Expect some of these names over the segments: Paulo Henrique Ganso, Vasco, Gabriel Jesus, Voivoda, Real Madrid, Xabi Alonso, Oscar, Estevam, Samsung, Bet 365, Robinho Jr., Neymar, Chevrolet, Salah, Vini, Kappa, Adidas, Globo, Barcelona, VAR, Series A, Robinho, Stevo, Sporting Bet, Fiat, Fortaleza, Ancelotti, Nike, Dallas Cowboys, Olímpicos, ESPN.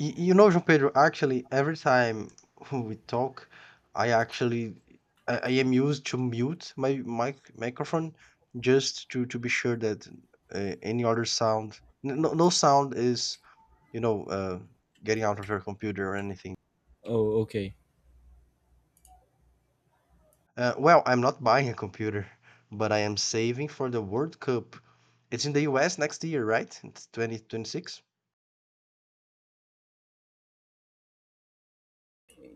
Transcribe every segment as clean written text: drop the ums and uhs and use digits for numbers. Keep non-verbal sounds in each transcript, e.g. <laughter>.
You know, João Pedro, actually, every time <laughs> we talk, I actually, I am used to mute my microphone just to be sure that any other sound, no sound is, you know, uh, getting out of your computer or anything. Oh, okay. Well, I'm not buying a computer, but I am saving for the World Cup. It's in the US next year, right? It's 2026.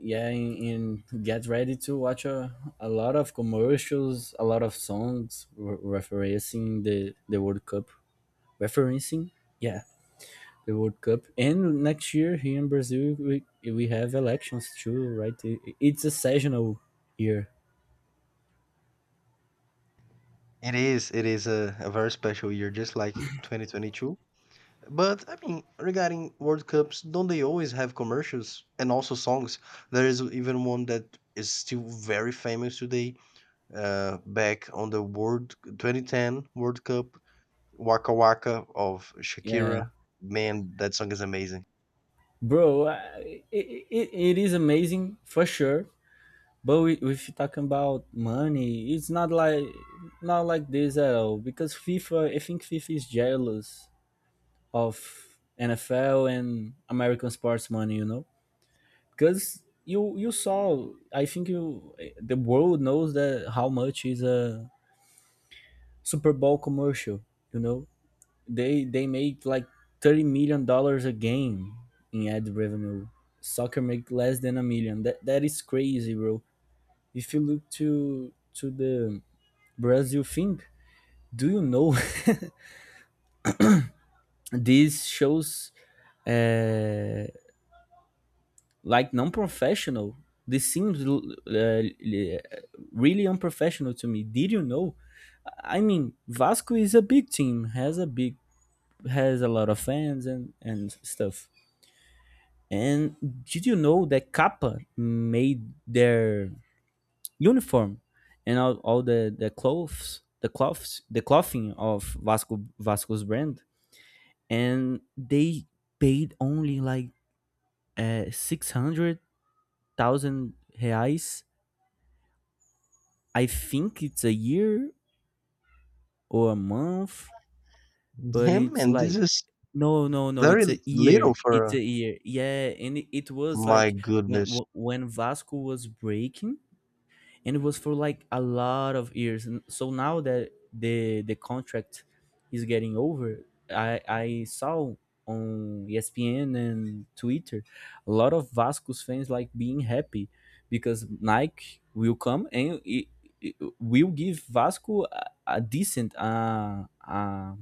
Yeah, and get ready to watch a lot of commercials, a lot of songs referencing the World Cup. Referencing, yeah, the World Cup. And next year here in Brazil, we have elections too, right? It's a seasonal year. It is. It is a very special year, just like 2022. But I mean, regarding World Cups, don't they always have commercials and also songs? There is even one that is still very famous today. Back on the World 2010 World Cup, Waka Waka of Yeah, Shakira. Man, that song is amazing. bro, it is amazing for sure. But we, if you talking about money, it's not like not like this at all because FIFA. I think FIFA is jealous of NFL and American sports money, you know, because you saw. I think you the world knows that how much is a Super Bowl commercial. You know, they make like $30 million a game in ad revenue. Soccer make less than a million. That is crazy, bro. If you look to the Brazil thing, do you know <laughs> this shows uh, like non-professional. This seems really unprofessional to me. Did you know? I mean, Vasco is a big team, has a big, has a lot of fans and stuff. And did you know that Kappa made their uniform and all the clothes, the cloths, the clothing of Vasco's brand, and they paid only like 600,000 reais. I think it's a year or a month, but Him it's and this like is no, no, no. very It's a little year. for It's a year. Yeah, and it was my like when goodness. When Vasco was breaking and it was for like a lot of years. And so now that the contract is getting over, I saw on ESPN and Twitter a lot of Vasco's fans like being happy because Nike will come and it will give Vasco a decent uh, uh,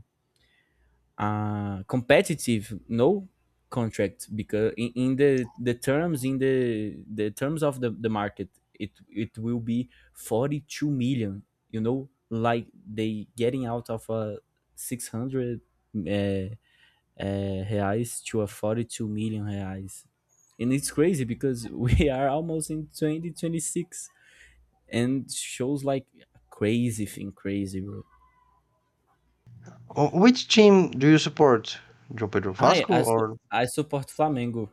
uh, competitive no contract because in the terms in the terms of the market it will be 42 million, you know, like they getting out of a 600 reais to a 42 million reais. And it's crazy because <laughs> we are almost in 2026, and shows like crazy thing, crazy bro. Oh, which team do you support? Joe Pedro Vasco or? I support flamengo.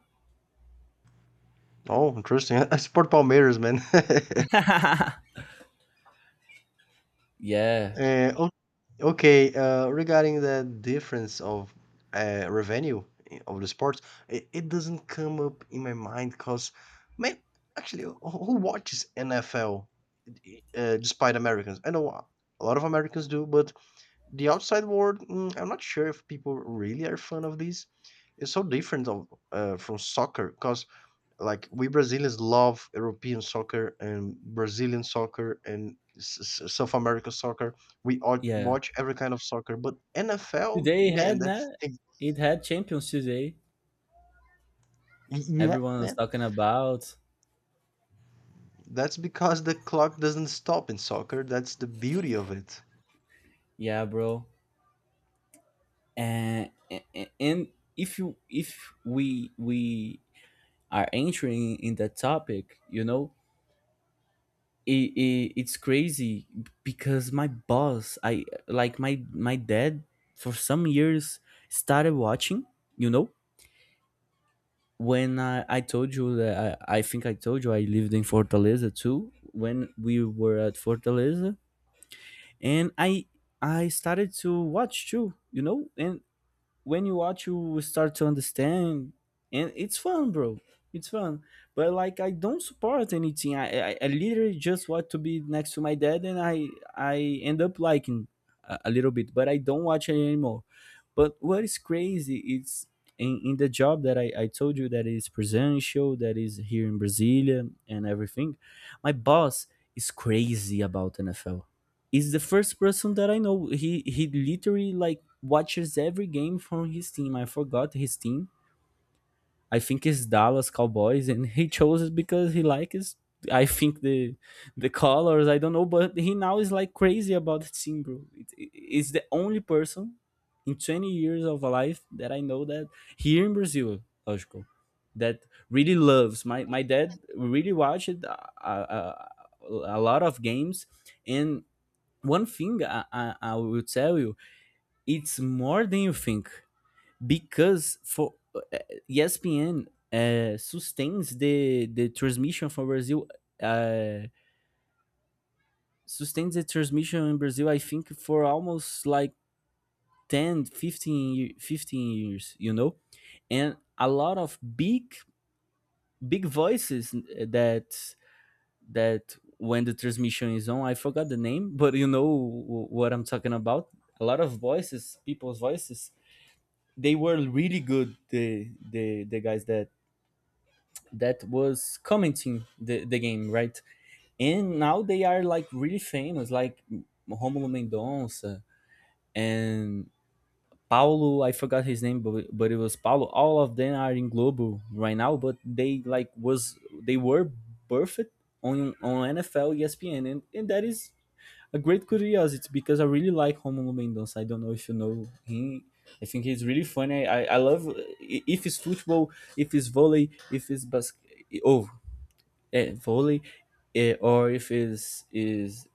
Oh, interesting. <laughs> I support Palmeiras, man. <laughs> Yeah, Uh, Okay, regarding the difference of revenue of the sports, it doesn't come up in my mind because, man, actually, who watches NFL despite Americans? I know a lot of Americans do, but the outside world, I'm not sure if people really are fond of this. It's so different from soccer because like we Brazilians love European soccer and Brazilian soccer and South America soccer. We all yeah. watch every kind of soccer, but NFL, Today man, that's the- it had Champions today. Yeah, Everyone was man. talking about That's because the clock doesn't stop in soccer. That's the beauty of it. yeah, bro. And if you if we are entering in that topic, you know, it's crazy because my boss, I like my dad for some years started watching, you know, when I told you that I think I told you I lived in Fortaleza too. When we were at Fortaleza, and i started to watch too, you know. And when you watch you start to understand, and it's fun bro, it's fun. But like I don't support anything. I literally just want to be next to my dad, and I end up liking a little bit, but I don't watch it anymore. But what is crazy is in the job that I told you that is presential, that is here in brasilia and everything, my boss is crazy about nfl. Is the first person that I know. He literally like watches every game from his team. I forgot his team. I think it's Dallas Cowboys, and he chose it because he likes. I think the colors. I don't know, but he now is like crazy about the team, bro. It's the only person in 20 years of life that I know that here in Brazil, logical, that really loves. My dad really watched a, a lot of games, and one thing I will tell you, it's more than you think because for espn sustains the transmission from brazil, uh, sustains the transmission in brazil, I think, for almost like 10, 15 years, you know. And a lot of big voices, that when the transmission is on, I forgot the name, but you know what I'm talking about. A lot of voices, people's voices. They were really good, the guys that that was commenting the game, right. And now they are like really famous, like Romulo Mendonça, and Paulo, I forgot his name, but it was Paulo. All of them are in Globo right now, but they like was they were birthed on NFL ESPN, and that is a great curiosity because I really like Romulo Mendonça. I don't know if you know him. I think he's really funny. I love if it's football, if it's volley, if it's basket. Oh, volley, or if it's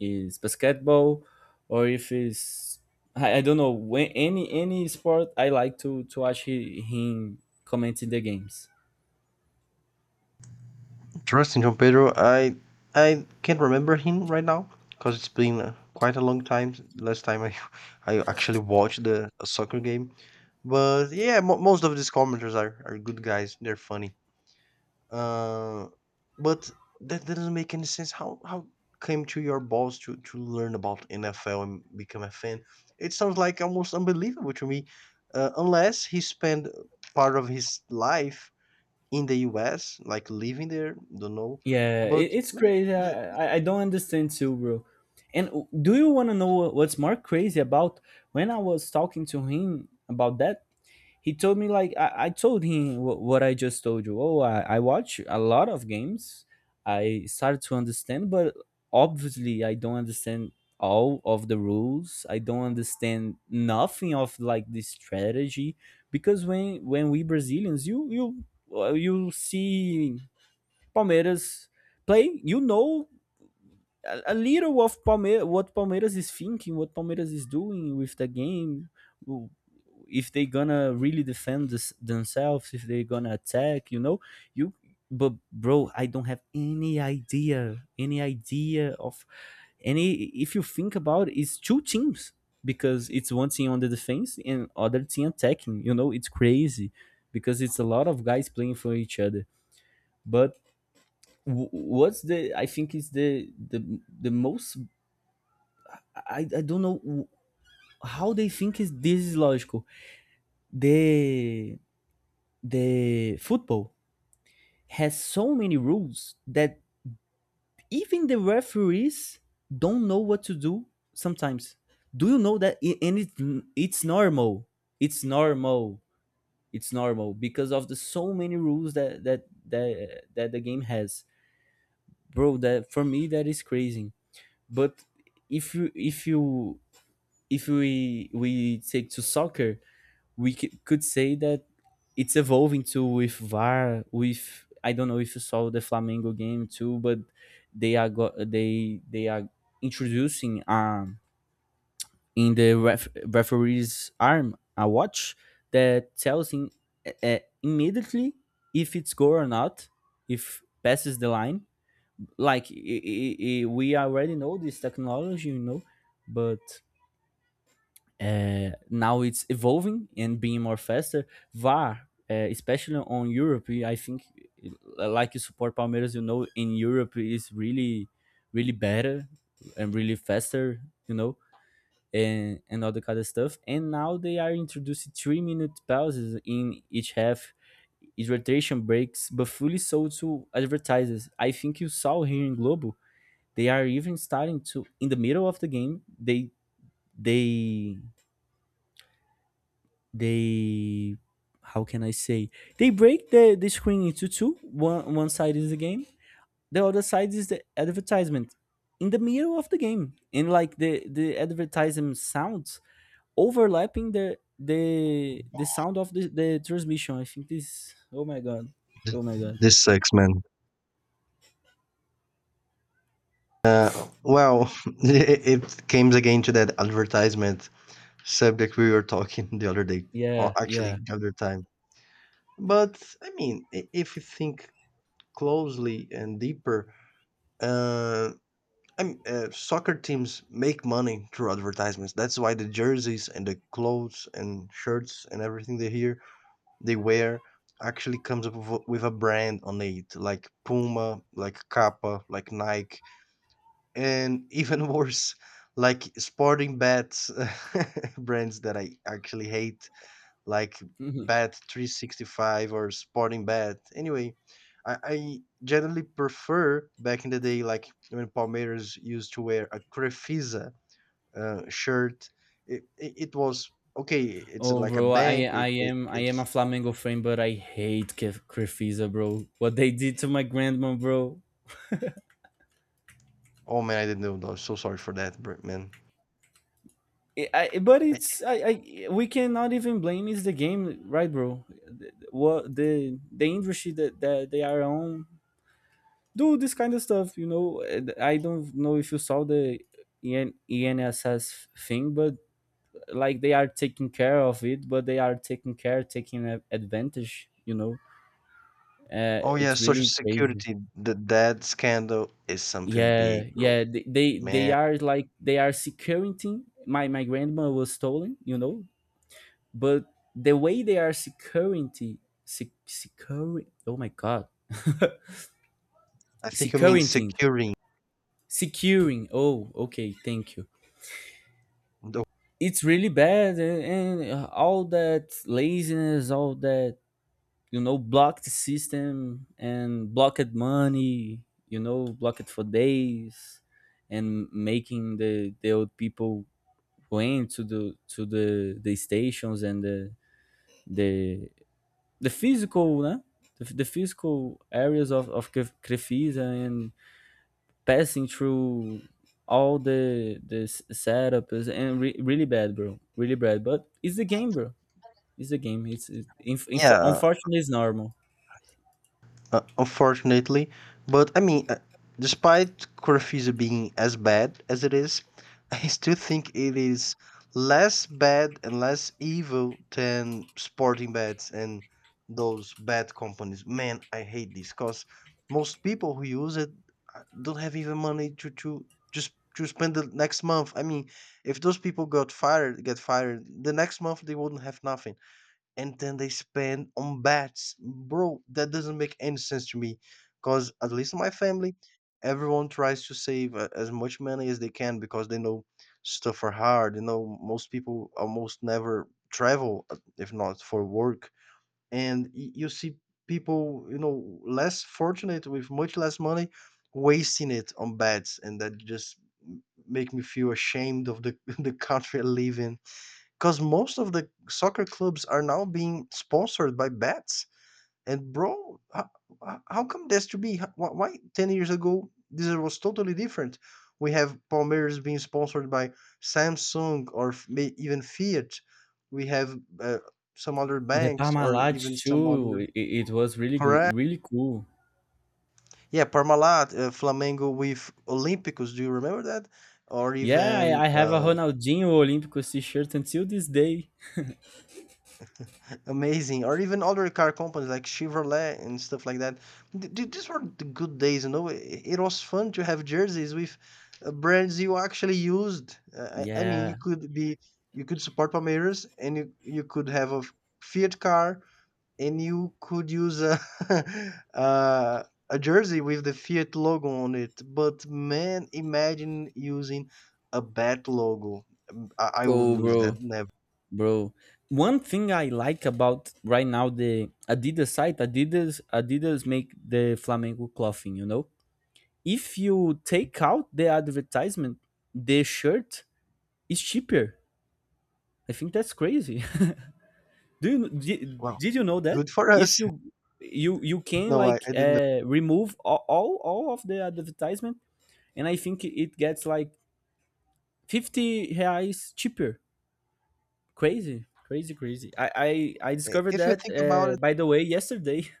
is basketball, or if it's I don't know when any sport. I like to watch him commenting the games. Interesting, João Pedro. I can't remember him right now because it's been quite a long time. Last time I <laughs> I actually watched the a soccer game, but yeah, mo most of these commenters are good guys. They're funny. Uh, but that doesn't make any sense. How came to your balls to learn about NFL and become a fan? It sounds like almost unbelievable to me. Unless he spent part of his life in the U.S., like living there, don't know. Yeah, But it's man, crazy. th- I don't understand too, bro. And do you want to know what's more crazy about? When I was talking to him about that, he told me like I told him what I just told you. Oh, I watch a lot of games. I started to understand, but obviously I don't understand all of the rules. I don't understand nothing of like this strategy because when we Brazilians, you well, you see Palmeiras play. You know a little of Palmeiras, what Palmeiras is thinking, what Palmeiras is doing with the game. If they gonna really defend this, themselves, if they gonna attack, you know, you. But bro, I don't have any idea, any idea of any. If you think about it, it's two teams because it's one team on the defense and other team attacking. You know, it's crazy because it's a lot of guys playing for each other. But what's the I think is the most i don't know how they think is this is logical, the the football has so many rules that even the referees don't know what to do sometimes. Do you know that? And it, it's normal. It's normal. It's normal because of the so many rules that that the game has. Bro, that for me that is crazy. But if you if you if we take to soccer, we could say that it's evolving to with VAR. With I don't know if you saw the Flamengo game too, but they are they are introducing in the referee's arm a watch that tells him immediately if it's goal or not, if passes the line. Like I we already know this technology, you know. But now it's evolving and being more faster. VAR, especially on Europe, I think, like you support Palmeiras, you know, in Europe is really, really better and really faster, you know, and all the kind of stuff. And now they are introducing 3 minute pauses in each half, hydration breaks, but fully sold to advertisers. I think you saw here in Globo, they are even starting to, in the middle of the game, they they how can I say, they break the screen into 2. One side is the game, the other side is the advertisement in the middle of the game. And like the advertisement sounds overlapping the sound of the transmission. I think this, oh my god, oh my god. this sucks, man. Well, <laughs> it comes again to that advertisement subject we were talking <laughs> the other day, or Yeah, yeah. actually the other time. But I mean, if you think closely and deeper, uh, soccer teams make money through advertisements. That's why the jerseys and the clothes and shirts and everything they wear actually comes up with a brand on it, like Puma, like Kappa, like Nike, and even <laughs> worse, like sporting bets <laughs> brands that I actually hate like <laughs> Mhm. Bet 365 or Sporting Bet. Anyway, I generally prefer back in the day, like when Palmeiras used to wear a Crefisa shirt. It was okay. It's Oh, like a bro, bank. It, I am a it's Flamengo fan, but I hate Crefisa, bro. What they did to my grandma, bro. Oh man, I didn't know. I'm so sorry for that, man. But Eh, eh, it's I we cannot even blame, it's the game, right bro. The- what the industry that, that they are on do this kind of stuff, you know. And I don't know if you saw the enss thing, but like they are taking care of it, but they are taking advantage, you know. Oh yeah, It's Social really crazy. Security. The that scandal is something Yeah, big, bro, yeah, they man. are like they are securing. My grandma was stolen, you know. But the way they are security, secure, oh my god. <laughs> I think you mean Securing, securing securing, oh okay, thank you. the. It's really bad. And all that laziness, all that, you know, blocked system and blocked money, you know, blocked for days, and making the old people going to the stations and the the physical, né? The physical areas of Crefisa and passing through all the setups and really bad, bro. Really bad. But it's the game, bro. It's the game. It's Yeah, unfortunately it's normal. Unfortunately. But I mean, despite Corfiza being as bad as it is, <laughs> I still think it is less bad and less evil than sporting bets and those bad companies. Man, I hate this because most people who use it don't have even money to just to spend the next month. I mean, if those people get fired, the next month they wouldn't have nothing and then they spend on bats. Bro, that doesn't make any sense to me. Because, at least in my family, everyone tries to save as much money as they can because they know stuff are hard. You know, most people almost never travel, if not for work. And you see people, less fortunate with much less money wasting it on bats. And that just make me feel ashamed of the, <laughs> the country I live in. Because most of the soccer clubs are now being sponsored by bets. And bro, how come that's to be? Why 10 years ago, this was totally different? We have Palmeiras being sponsored by Samsung or even Fiat. We have some other The banks or Parmalat even some too. other. It was really Correct. really cool. Yeah, Parmalat, Flamengo with Olímpicos. Do you remember that? Or Yeah, even I have a Ronaldinho Olympic t-shirt until this day. Amazing. Or even other car companies like Chevrolet and stuff like that. These were the good days, you know. It was fun to have jerseys with brands you actually used. I mean, you Yeah. could be, you could support Palmeiras and you could have a Fiat car and you could use a, <laughs> uh, a jersey with the Fiat logo on it. But man, imagine using a bat logo. I Oh, wouldn't use that, bro. never. Bro, one thing I like about right now the Adidas site, Adidas make the Flamengo clothing, you know? If you take out the advertisement, the shirt is cheaper. I think that's crazy. <laughs> Do you did, Well, did you know that? good for If us. <laughs> you can No, I, like I didn't. Remove all of the advertisement, and I think it gets like 50 reais cheaper. Crazy. Crazy, crazy. I discovered If you that, think about it, by the way, yesterday. <laughs>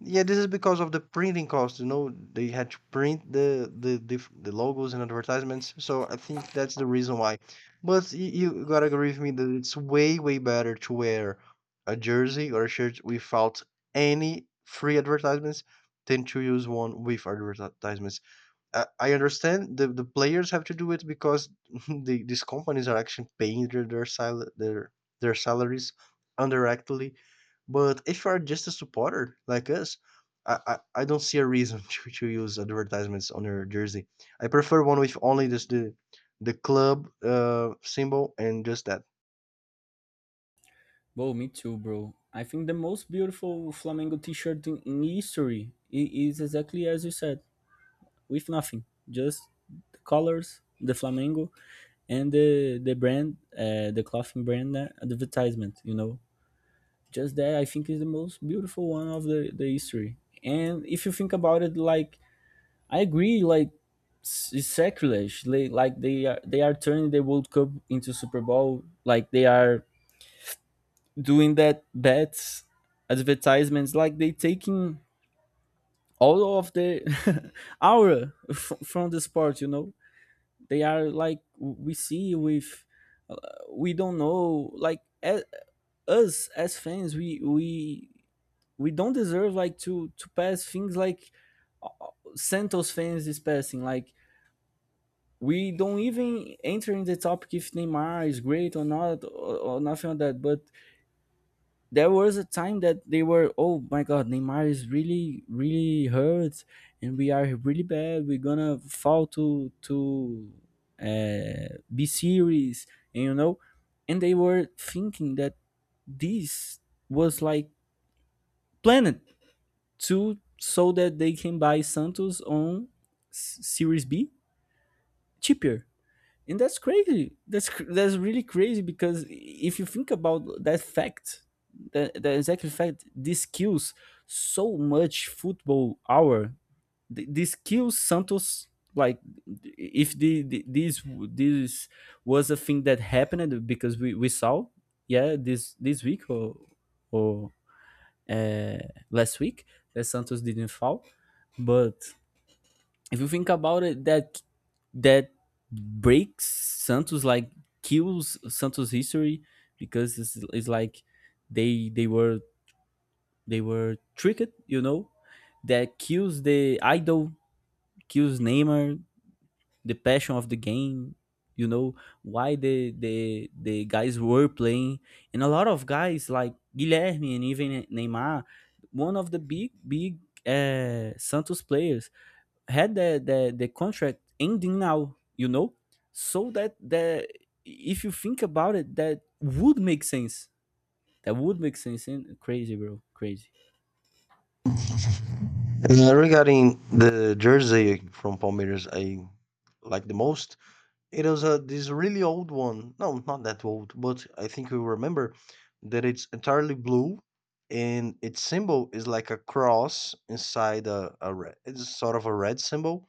yeah, this is because of the printing cost. You know, they had to print the logos and advertisements. So I think that's the reason why. But you gotta agree with me that it's way way better to wear a jersey or a shirt without any free advertisements than to use one with advertisements. I understand the players have to do it because <laughs> the, these companies are actually paying their salaries indirectly. But if you are just a supporter like us, I don't see a reason <laughs> to use advertisements on your jersey. I prefer one with only this the club symbol and just that. Well, me too, bro. I think the most beautiful Flamengo t-shirt in history is exactly as you said, with nothing, just the colors, the Flamengo, and the brand, the clothing brand advertisement. You know, just that I think is the most beautiful one of the history. And if you think about it, like I agree, like it's sacrilege. Like they are turning the World Cup into Super Bowl. Like they are doing that advertisements like they taking all of the <laughs> aura from the sport, you know, they are like we see with uh, we don't know like us as fans we don't deserve like to pass things like uh, Santos fans is passing like we don't even enter in the topic if Neymar is great or not, or, or nothing like that. But there was a time that they were, oh my God, Neymar is really, really hurt, and we are really bad. We're gonna fall to B series, and you know, and they were thinking that this was like planned to so that they can buy Santos on Series B cheaper. And that's crazy. That's that's really crazy, because if you think about that fact, that exact fact, this kills so much football hour. This kills Santos, like if the this was a thing that happened, because we saw, yeah, this week or uh, last week, that Santos didn't foul. But if you think about it, that breaks Santos, like kills Santos history, because it's like they they were they were tricked, you know. That kills the idol, kills Neymar, the passion of the game, you know, why the guys were playing, and a lot of guys like Guilherme and even Neymar, one of the big Santos players, had the contract ending now, you know, so that the, if you think about it, that would make sense. That would make sense. And crazy, bro, crazy. Regarding the jersey from Palmeiras, I like the most. It was a this really old one. No, not that old, but I think you remember that it's entirely blue, and its symbol is like a cross inside a red. It's sort of a red symbol,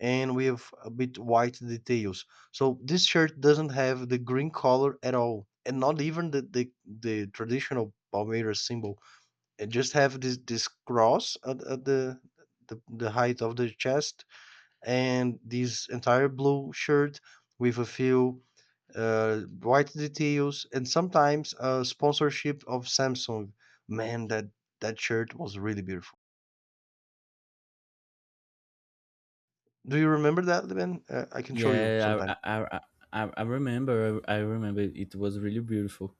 and we have a bit white details. So this shirt doesn't have the green color at all, and not even the traditional Palmeiras symbol. It just have this cross at the height of the chest and this entire blue shirt with a few white details and sometimes a sponsorship of Samsung. Man, that shirt was really beautiful. Do you remember that, man? I can show you Yeah. i sometime. i i, I I remember. I remember it was really beautiful.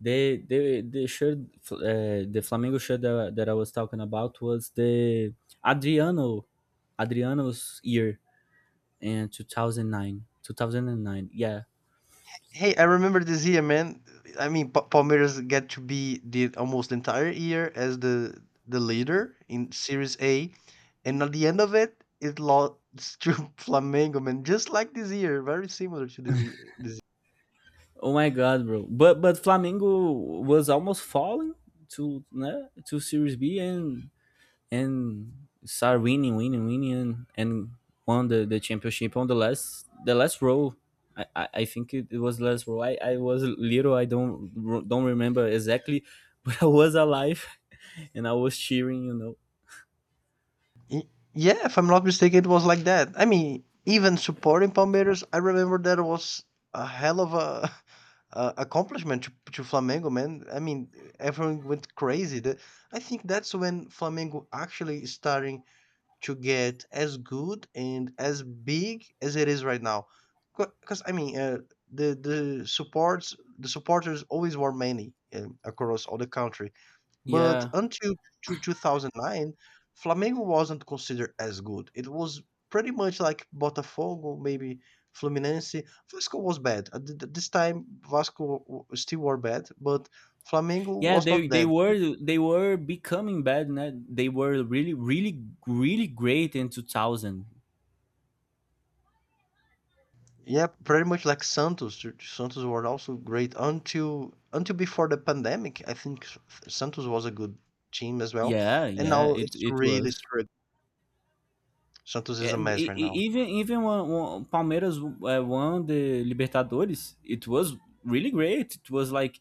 They the shirt, the Flamengo shirt that I was talking about, was the adriano Adriano's year in 2009. 2009, yeah. Hey, I remember this year, man. I mean, Palmeiras get to be the almost entire year as the leader in Series A, and at the end of it, it lost <laughs> to Flamengo, man. Just like this year, very similar to this year. Oh my god, bro! But Flamengo was almost falling to né, to Series B, and start winning, winning, winning, and won the championship on the last row. I think it was last row. I was little. I don't remember exactly, <laughs> but I was alive, <laughs> and I was cheering. You know. Y- Yeah, if I'm not mistaken, it was like that. I mean, even supporting Palmeiras, I remember that was a hell of a, <laughs> a accomplishment to Flamengo, man. I mean, everyone went crazy. I think that's when Flamengo actually is starting to get as good and as big as it is right now. Because I mean, the supporters always were many across all the country, but Yeah. until 2009, Flamengo wasn't considered as good. It was pretty much like Botafogo, maybe Fluminense. Vasco was bad. At this time, Vasco still were bad, but Flamengo Yeah, was not that. They were becoming bad. Né? They were really great in 2000. Yeah, pretty much like Santos. Santos were also great until before the pandemic. I think Santos was a good team as well, Yeah, and now yeah, it it's it really was. straight. Santos is Yeah, a mess right now. Even when Palmeiras won the Libertadores, it was really great. It was like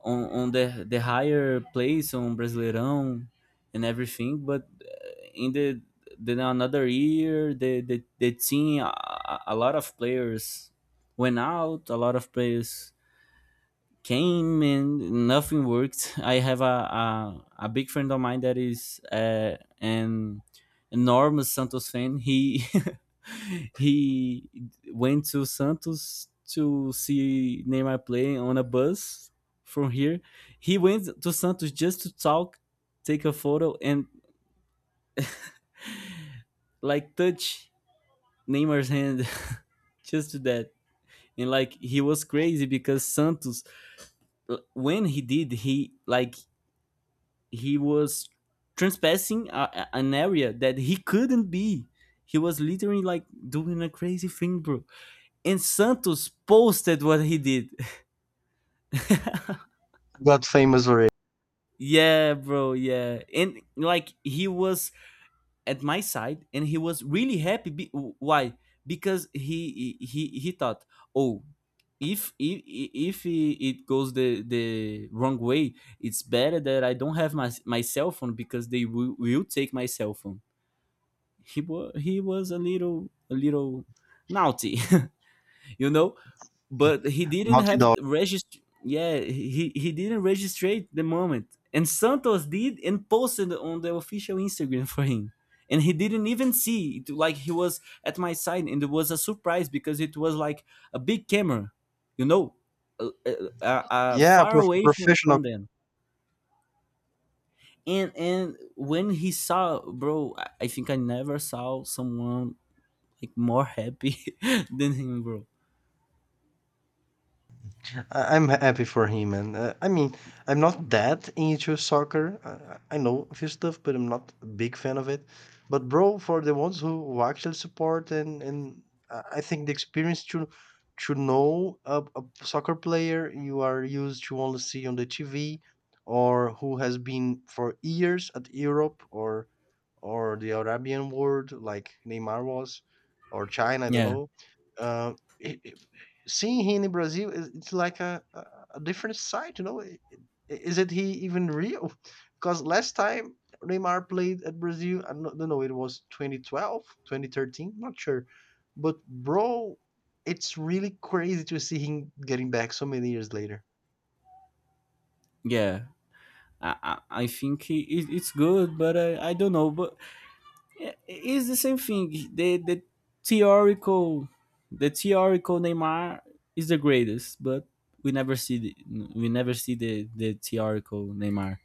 on the higher place on Brasileirão and everything. But in the, then another year, the team, a lot of players went out. A lot of players came and nothing worked. I have a big friend of mine that is an enormous Santos fan. He <laughs> he went to Santos to see Neymar play on a bus from here. He went to Santos just to talk, take a photo, and like touch Neymar's hand <laughs> just to that. And like he was crazy because Santos, when he did, he like he was trespassing a, an area that he couldn't be. He was literally like doing a crazy thing, bro. And Santos posted what he did. Got famous already. <laughs> Yeah, bro. Yeah, and like he was at my side, and he was really happy. Why? Because he thought, oh, if it goes the wrong way, it's better that I don't have my my cell phone because they will take my cell phone. He was a little naughty, <laughs> you know, but he didn't Naughty have Dog. register. Yeah, he didn't register the moment, and Santos did and posted on the official Instagram for him, and he didn't even see it. Like he was at my side, and it was a surprise because it was like a big camera, you know, uh, uh, Yeah, far away professional from them. And when he saw, bro, I think I never saw someone like more happy <laughs> than him, bro. I'm happy for him, and I mean, I'm not that into soccer. I know a few stuff, but I'm not a big fan of it. But bro, for the ones who actually support and I think the experience to know a soccer player you are used to only see on the TV or who has been for years at Europe or the Arabian world, like Neymar was, or China, I don't Yeah, know. Uh, it, it- Seeing him in Brazil, is it's like a different side, you know. Is it he even real? <laughs> Because last time Neymar played at Brazil, I don't know, it was 2012, 2013. Not sure. But bro, it's really crazy to see him getting back so many years later. yeah. I think it's good, but I don't know. But yeah, it's the same thing. The theoretical, the theoretical Neymar is the greatest, but we never see the, we never see the theoretical Neymar,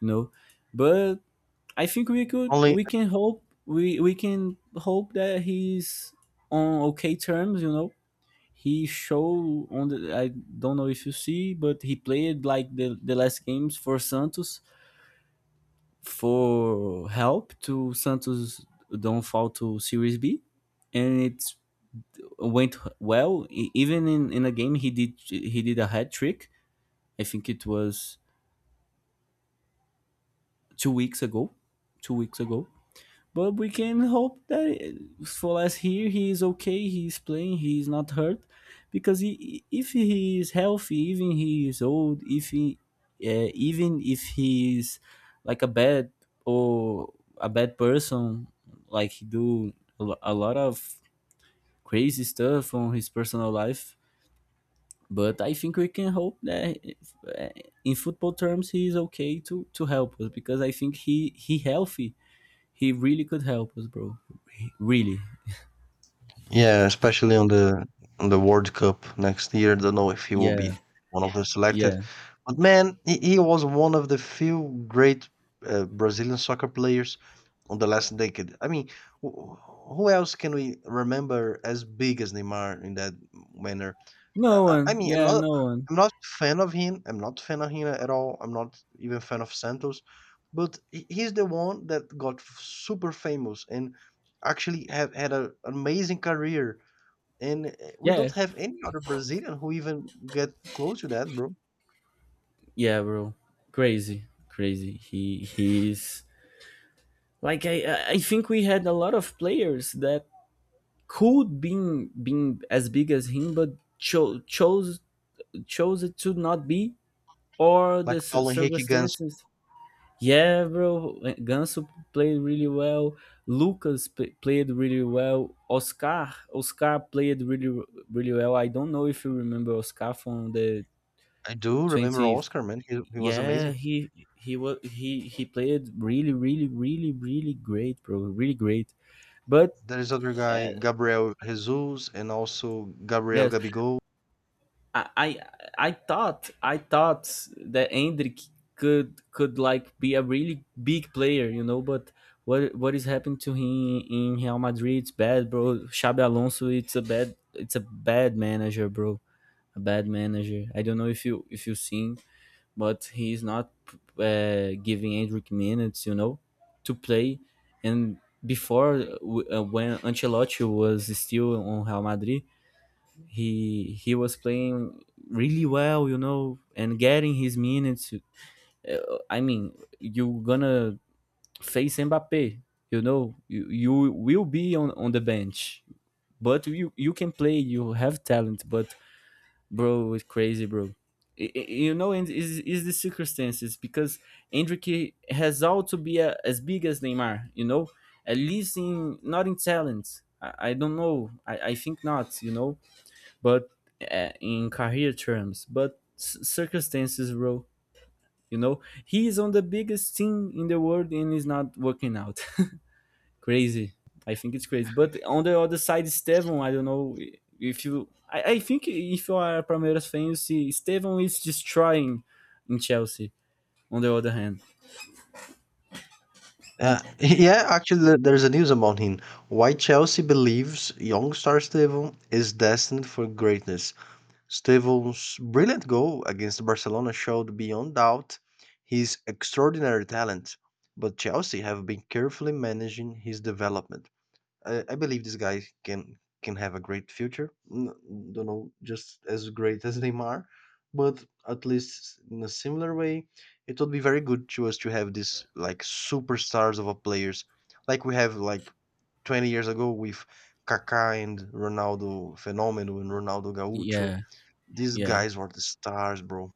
you know. But I think Only we can hope, we can hope that he's on okay terms, you know. He show on the, I don't know if you see, but he played like the last games for Santos, for help to Santos don't fall to Series B, and it went well. Even in a game, he did a hat trick. I think it was 2 weeks ago, 2 weeks ago. But we can hope that for last year he is okay. He is playing. He is not hurt, because he, if he is healthy, even he is old, if he, even if he is like a bad or a bad person, like he do a lot of crazy stuff on his personal life. But I think we can hope that if, in football terms he is okay to help us, because I think he healthy, he really could help us, bro. Really. Yeah, especially on the World Cup next year. Don't know if he will Yeah, be one of the yeah. selected, but man, he was one of the few great Brazilian soccer players on the last decade. I mean, wh- who else can we remember as big as Neymar in that manner? No I one. mean, I'm Yeah, not no one. I'm not fan of him. I'm not fan of him at all. I'm not even fan of Santos, but he's the one that got super famous and actually have had an amazing career. And we Yeah. don't have any other Brazilian who even get close to that, bro. Yeah, bro. Crazy. Crazy. He's like I think we had a lot of players that could been as big as him, but chose chose it to not be, or Like the Paulo Henrique Ganso. circumstances. Yeah, bro. Ganso played really well. Played really well. Oscar, Oscar played really, really well. I don't know if you remember Oscar from the I do remember 20. Oscar, man. He was Yeah, amazing. He was he played really, really, really, really great, bro. Really great. But There is other uh, guy, Gabriel Jesus, and also Gabriel yeah, Gabigol. I I I thought I thought that Hendrik could like be a really big player, you know, but what is happening to him in Real Madrid? It's bad, bro. Xabi Alonso, it's a bad, it's a bad manager, bro. A bad manager. I don't know if you seen, but he's not giving Hendrik minutes, you know, to play. And before when Ancelotti was still on Real Madrid, he was playing really well, you know, and getting his minutes. I mean, you're gonna face Mbappe, you know, you will be on the bench, but you can play, you have talent, but bro, it's crazy, bro. You know, and is the circumstances because Hendrick has all to be a, as big as Neymar, you know, at least in, not in talent. I don't know. I think not, you know, but in career terms, but circumstances role. You know, he is on the biggest team in the world and is not working out. <laughs> Crazy. I think it's crazy. But on the other side, Estevam, I don't know if you. I think if you are a Palmeiras fan, you see Estevam is destroying in Chelsea. On the other hand, <laughs> Yeah, actually, there's a news about him. Why Chelsea believes young star Stevo is destined for greatness. Stevo's brilliant goal against Barcelona showed beyond doubt his extraordinary talent, but Chelsea have been carefully managing his development. I believe this guy can have a great future. Don't know, just as great <laughs> as Neymar, but at least in a similar way, it would be very good to us to have this like superstars of a players, like we have like 20 years ago with Kaká and Ronaldo Fenomeno and Ronaldo Gaúcho. yeah, These yeah. guys were the stars, bro.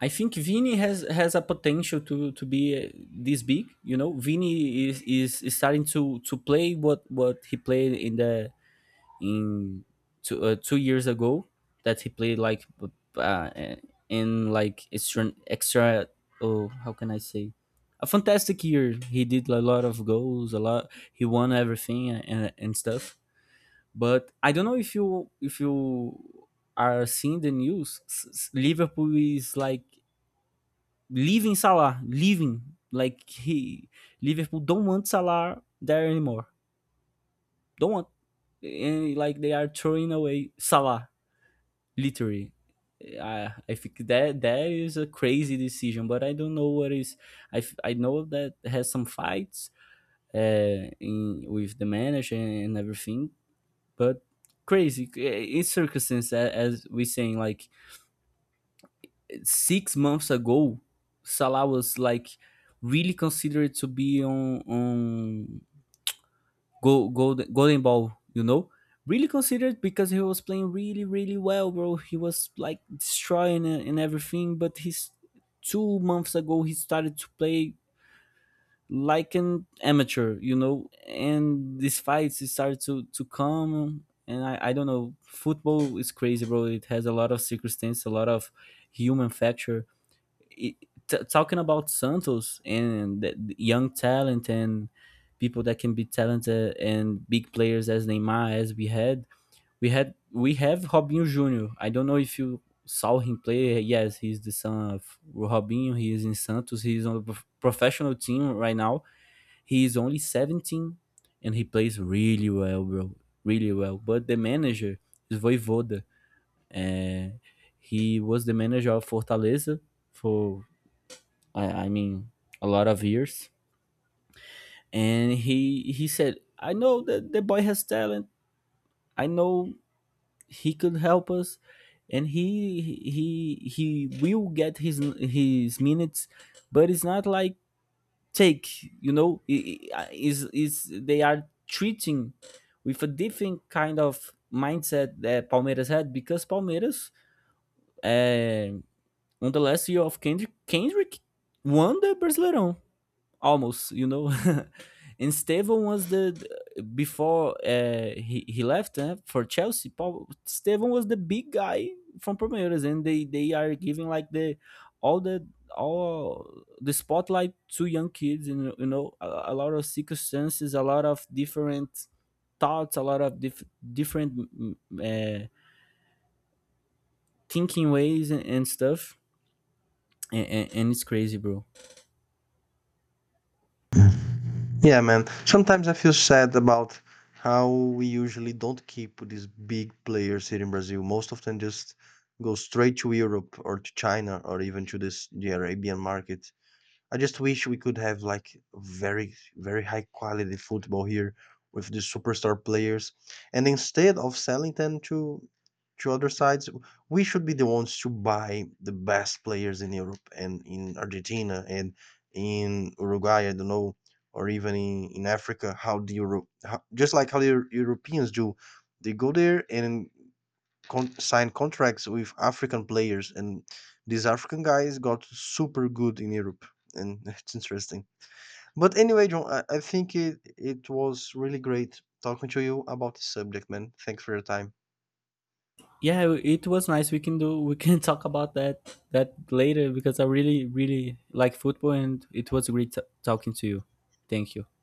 I think Vini has a potential to be this big. You know, Vini is starting to play what he played in the in 2 years ago, that he played like uh, in like extra, oh how can I say, a fantastic year. He did a lot of goals, a lot. He won everything and stuff. But I don't know if you are seeing the news. Liverpool is like leaving Salah, leaving, like he, Liverpool don't want Salah there anymore. Don't want And like they are throwing away Salah literally. I think that that is a crazy decision, but I don't know what is, I know that has some fights in with the manager and everything, but crazy, eh, in circumstance, as we saying, like 6 months ago Salah was like really considered to be on Go Golden, Golden Ball, you know, really considered, because he was playing really really well, bro. He was like destroying it and everything, but he's 2 months ago he started to play like an amateur, you know, and these fights he started to come. And I don't know, football is crazy, bro. It has a lot of circumstance, a lot of human factor. It, talking about Santos and the young talent and people that can be talented and big players as Neymar, as we had, we have Robinho Jr. I don't know if you saw him play. Yes, he's the son of Robinho. He is in Santos. He is on a professional team right now. He is only 17 and he plays really well, bro. Really well. But the manager is Voivoda. Uh, he was the manager of Fortaleza for, I, I mean a lot of years, and he said, I know that the boy has talent, I know he could help us, and he will get his minutes, but it's not like take, you know, is they are treating with a different kind of mindset that Palmeiras had, because Palmeiras uh, on the last year of Kendrick, Kendrick won the Brasileirão almost, you know, <laughs> and Steven was the, before he left eh, for Chelsea Paul, Steven was the big guy from Palmeiras, and they are giving like the all the all the spotlight to young kids, and you know, a lot of circumstances, a lot of different thoughts, a lot of different uh, thinking ways and stuff. And it's crazy, bro. Yeah, man. Sometimes I feel sad about how we usually don't keep these big players here in Brazil. Most of them just go straight to Europe or to China or even to this the Arabian market. I just wish we could have like very, very high quality football here with the superstar players. And instead of selling them to other sides, we should be the ones to buy the best players in Europe and in Argentina and in Uruguay, I don't know, or even in Africa, how the Euro, how, just like how the Europeans do. They go there and signed contracts with African players, and these African guys got super good in Europe, and <laughs> it's interesting. But anyway, John, I think it was really great talking to you about this subject, man. Thanks for your time. Yeah, it was nice. We can <laughs> talk about that later, because I really really like football, and it was great talking to you. Thank you.